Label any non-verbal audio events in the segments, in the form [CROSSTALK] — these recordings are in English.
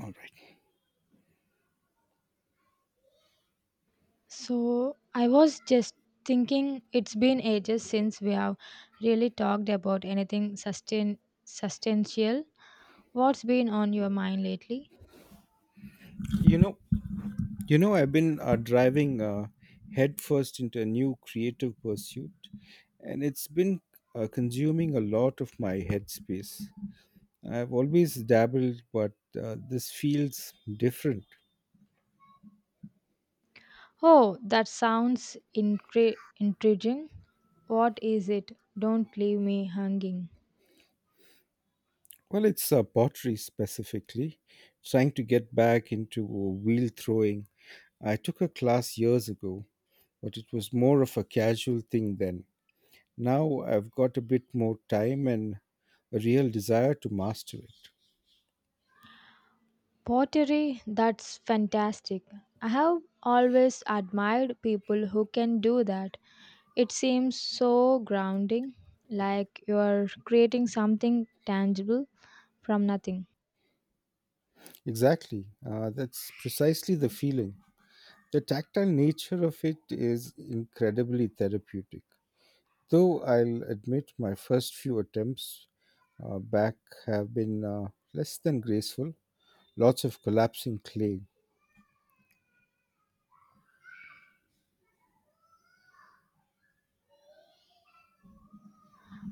All right. So, I was just thinking it's been ages since we have really talked about anything sustain substantial. What's been on your mind lately? You know, I've been driving headfirst into a new creative pursuit, and it's been consuming a lot of my headspace. I've always dabbled, but this feels different. Oh, that sounds intriguing. What is it? Don't leave me hanging. Well, it's pottery specifically. Trying to get back into wheel throwing. I took a class years ago, but it was more of a casual thing then. Now I've got a bit more time and a real desire to master it. Pottery, that's fantastic. I have always admired people who can do that. It seems so grounding, like you are creating something tangible from nothing. Exactly. That's precisely the feeling. The tactile nature of it is incredibly therapeutic. Though I'll admit my first few attempts back have been less than graceful. Lots of collapsing clay.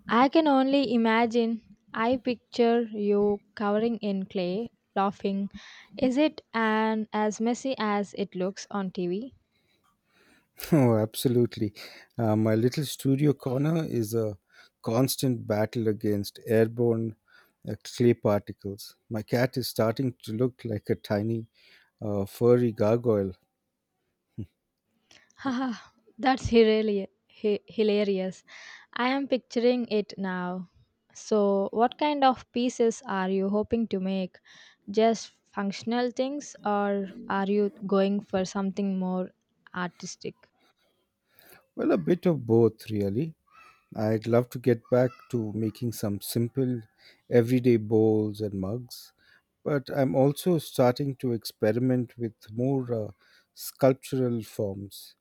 I can only imagine. I picture you covering in clay, laughing. Is it an as messy as it looks on TV? [LAUGHS] Oh, absolutely. My little studio corner is a constant battle against airborne clay particles. My cat is starting to look like a tiny furry gargoyle. [LAUGHS] Haha, that's hilarious. I am picturing it now. So, what kind of pieces are you hoping to make? Just functional things, or are you going for something more artistic? Well, a bit of both, really. I'd love to get back to making some simple, everyday bowls and mugs, but I'm also starting to experiment with more sculptural forms.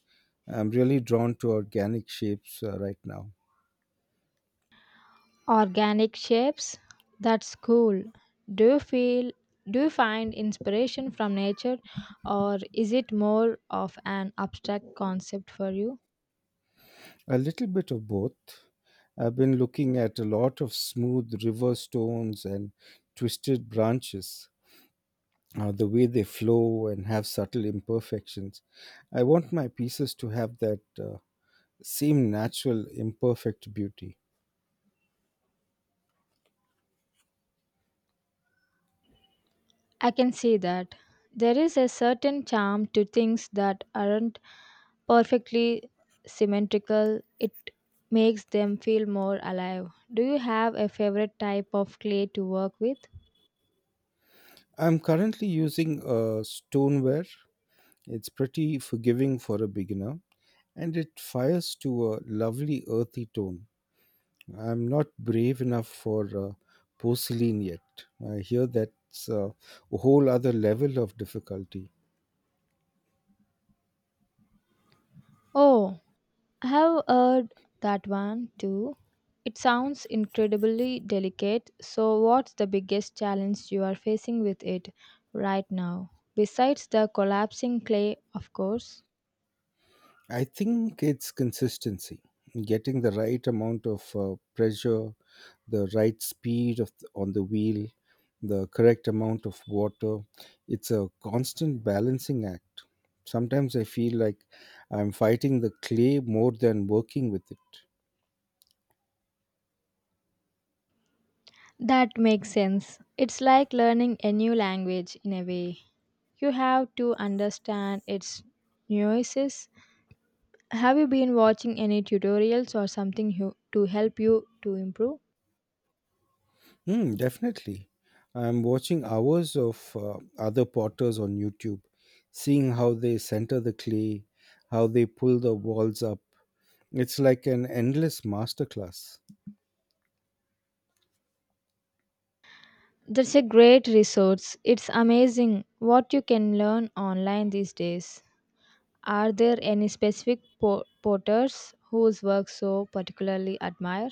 I'm really drawn to organic shapes right now. Organic shapes? That's cool. Do you feel do you find inspiration from nature or is it more of an abstract concept for you? A little bit of both. I've been looking at a lot of smooth river stones and twisted branches. The way they flow and have subtle imperfections. I want my pieces to have that same natural, imperfect beauty. I can see that. There is a certain charm to things that aren't perfectly symmetrical. It makes them feel more alive. Do you have a favorite type of clay to work with? I'm currently using a stoneware. It's pretty forgiving for a beginner and it fires to a lovely earthy tone. I'm not brave enough for porcelain yet. I hear that's a whole other level of difficulty. Oh, I have heard that one too. It sounds incredibly delicate. So, what's the biggest challenge you are facing with it right now? Besides the collapsing clay, of course. I think it's consistency, getting the right amount of pressure, the right speed of the, on the wheel, the correct amount of water. It's a constant balancing act. Sometimes I feel like I'm fighting the clay more than working with it. That makes sense. It's like learning a new language in a way. You have to understand its nuances. Have you been watching any tutorials or to help you to improve? Hmm, definitely. I'm watching hours of other potters on YouTube, seeing how they center the clay, how they pull the walls up. It's like an endless masterclass. That's a great resource. It's amazing what you can learn online these days. Are there any specific porters whose work so particularly admire?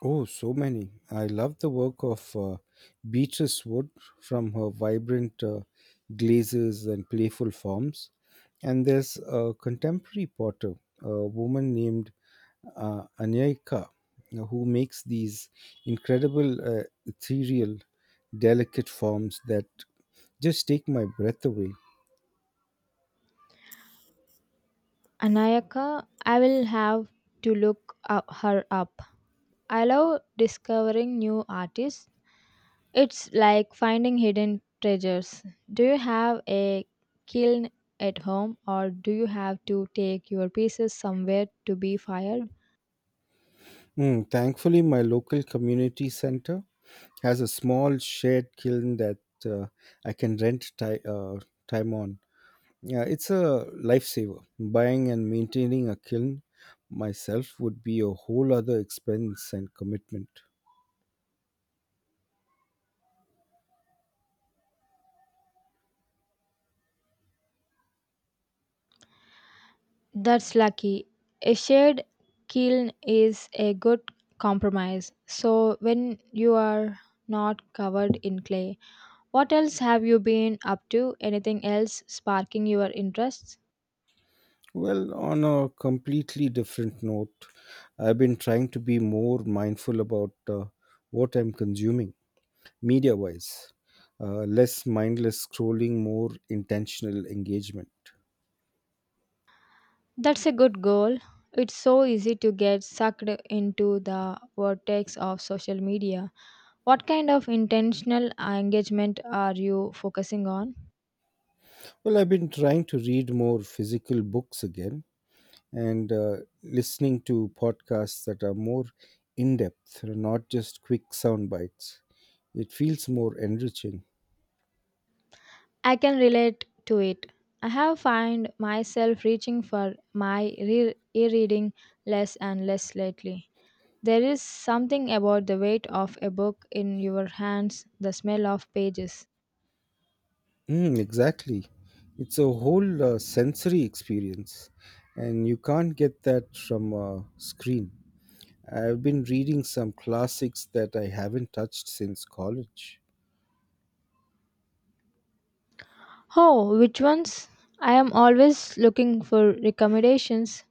Oh, so many. I love the work of Beatrice Wood from her vibrant glazes and playful forms. And there's a contemporary potter, a woman named Anyika, who makes these incredible, ethereal, delicate forms that just take my breath away. Anayaka, I will have to her up. I love discovering new artists. It's like finding hidden treasures. Do you have a kiln at home or do you have to take your pieces somewhere to be fired? Mm, thankfully, my local community center has a small shared kiln that uh, I can rent time on. Yeah, it's a lifesaver. Buying and maintaining a kiln myself would be a whole other expense and commitment. That's lucky. A shared kiln is a good compromise. So when you are not covered in clay, what else have you been up to? Anything else sparking your interests? Well, on a completely different note, I've been trying to be more mindful about what I'm consuming media wise. Less mindless scrolling, more intentional engagement. That's a good goal. It's so easy to get sucked into the vortex of social media. What kind of intentional engagement are you focusing on? Well, I've been trying to read more physical books again and listening to podcasts that are more in depth, not just quick sound bites. It feels more enriching. I can relate to it. I have found myself reaching for my e-reading less and less lately. There is something about the weight of a book in your hands, the smell of pages. Mm, exactly. It's a whole sensory experience, and you can't get that from a screen. I've been reading some classics that I haven't touched since college. Oh, which ones? I am always looking for recommendations.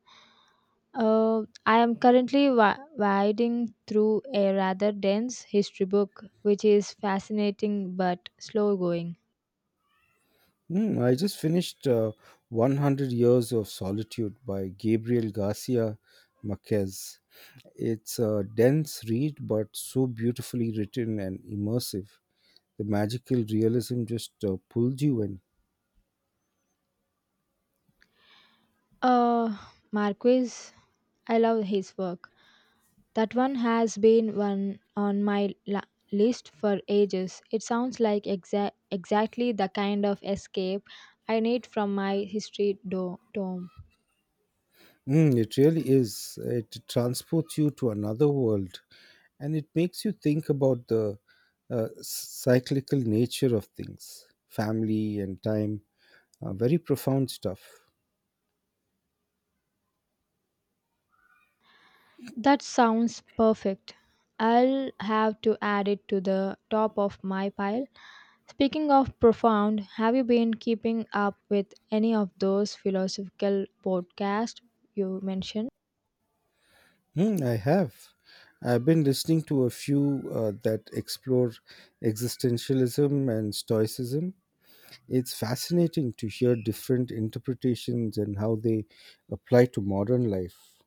I am currently wading through a rather dense history book, which is fascinating but slow going. Hmm, I just finished 100 Years of Solitude by Gabriel Garcia Marquez. It's a dense read, but so beautifully written and immersive. The magical realism just pulls you in. Uh, Marquis, I love his work. That one has been one on my list for ages. It sounds like exactly the kind of escape I need from my history tome. Mm, it really is. It transports you to another world and it makes you think about the cyclical nature of things, family and time. Very profound stuff. That sounds perfect. I'll have to add it to the top of my pile. Speaking of profound, have you been keeping up with any of those philosophical podcasts you mentioned? Hmm, I have. I've been listening to a few that explore existentialism and stoicism. It's fascinating to hear different interpretations and how they apply to modern life.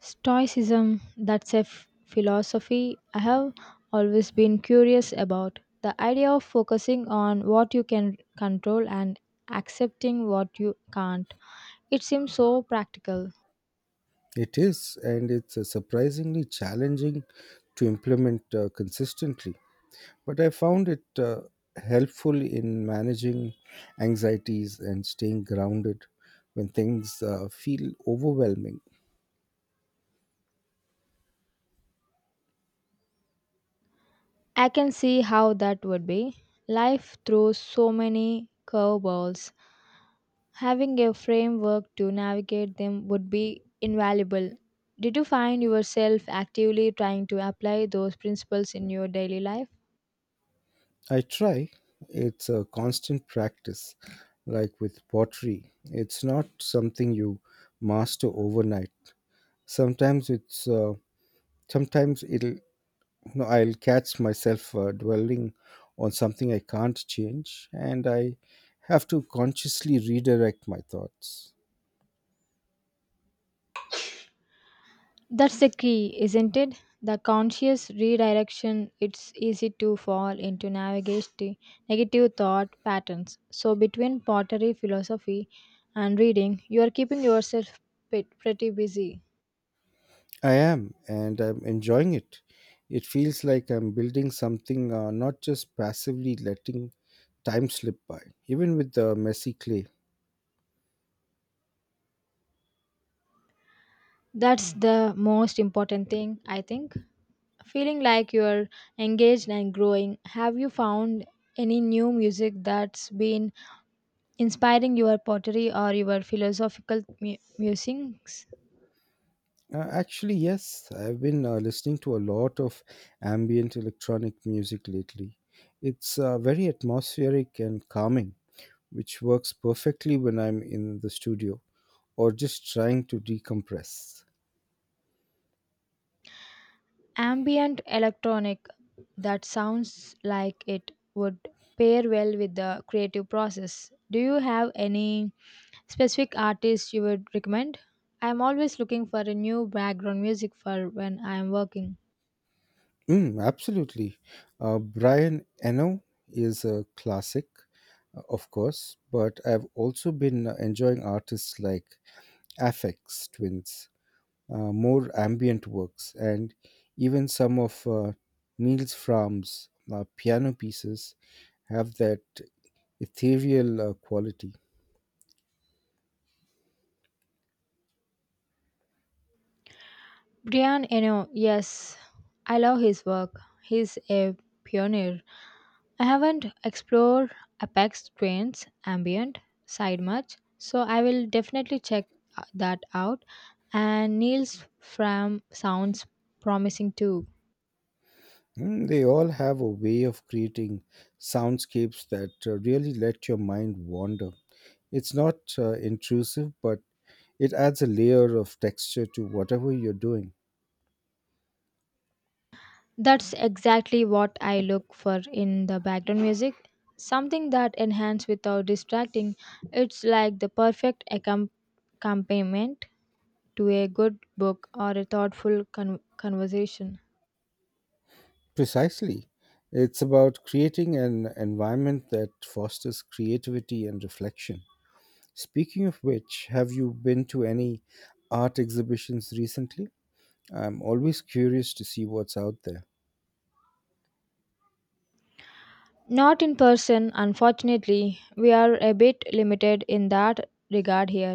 Stoicism, that's a philosophy I have always been curious about. The idea of focusing on what you can control and accepting what you can't. It seems so practical. It is, and it's surprisingly challenging to implement consistently. But I found it helpful in managing anxieties and staying grounded when things feel overwhelming. I can see how that would be. Life throws so many curveballs. Having a framework to navigate them would be invaluable. Did you find yourself actively trying to apply those principles in your daily life? I try, it's a constant practice, like with pottery. It's not something you master overnight. Sometimes it's sometimes it'll no, I'll catch myself dwelling on something I can't change, and I have to consciously redirect my thoughts. That's the key, isn't it? The conscious redirection, it's easy to fall into negative thought patterns. So, between pottery philosophy and reading, you are keeping yourself pretty busy. I am, and I'm enjoying it. It feels like I'm building something, not just passively letting time slip by, even with the messy clay. That's the most important thing, I think. Feeling like you're engaged and growing. Have you found any new music that's been inspiring your pottery or your philosophical musings? Actually, yes, I've been listening to a lot of ambient electronic music lately. It's very atmospheric and calming, which works perfectly when I'm in the studio or just trying to decompress. Ambient electronic, that sounds like it would pair well with the creative process. Do you have any specific artists you would recommend? I'm always looking for a new background music for when I'm working. Mm, absolutely. Brian Eno is a classic, of course, but I've also been enjoying artists like Aphex Twins, more ambient works, and even some of Niels Frahm's piano pieces have that ethereal quality. Brian Eno, yes, I love his work. He's a pioneer. I haven't explored Apex Twin's ambient side much, so I will definitely check that out. And Neil's Fram sounds promising too. Mm, they all have a way of creating soundscapes that really let your mind wander. It's not intrusive, but it adds a layer of texture to whatever you're doing. That's exactly what I look for in the background music. Something that enhances without distracting. It's like the perfect accompaniment to a good book or a thoughtful conversation. Precisely. It's about creating an environment that fosters creativity and reflection. Speaking of which, have you been to any art exhibitions recently? I'm always curious to see what's out there. Not in person, unfortunately. We are a bit limited in that regard here.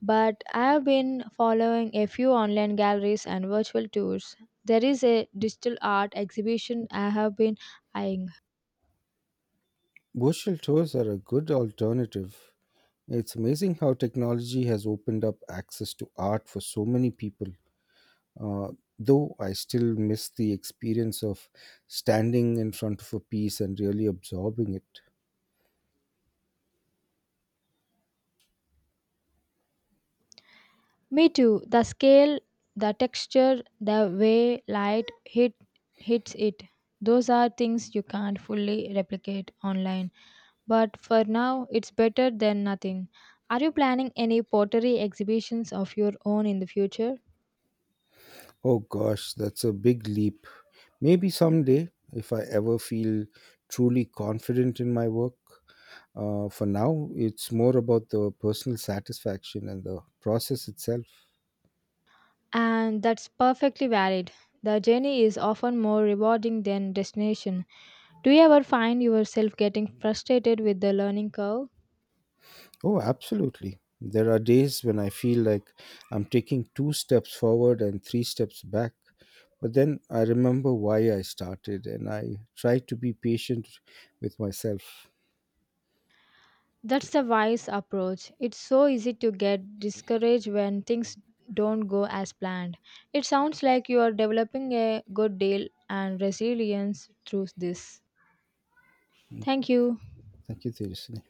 But I have been following a few online galleries and virtual tours. There is a digital art exhibition I have been eyeing. Virtual tours are a good alternative. It's amazing how technology has opened up access to art for so many people. Uh, though I still miss the experience of standing in front of a piece and really absorbing it. Me too. The scale, the texture, the way hits it. Those are things you can't fully replicate online, but for now it's better than nothing. Are you planning any pottery exhibitions of your own in the future? Oh gosh, that's a big leap. Maybe someday, if I ever feel truly confident in my work. For now, it's more about the personal satisfaction and the process itself. And that's perfectly valid. The journey is often more rewarding than destination. Do you ever find yourself getting frustrated with the learning curve? Oh, absolutely. There are days when I feel like I'm taking 2 steps forward and 3 steps back. But then I remember why I started and I try to be patient with myself. Thank That's you, the wise approach. It's so easy to get discouraged when things don't go as planned. It sounds like you are developing a good deal and resilience through this. Thank you. Thank you, Tejaswini.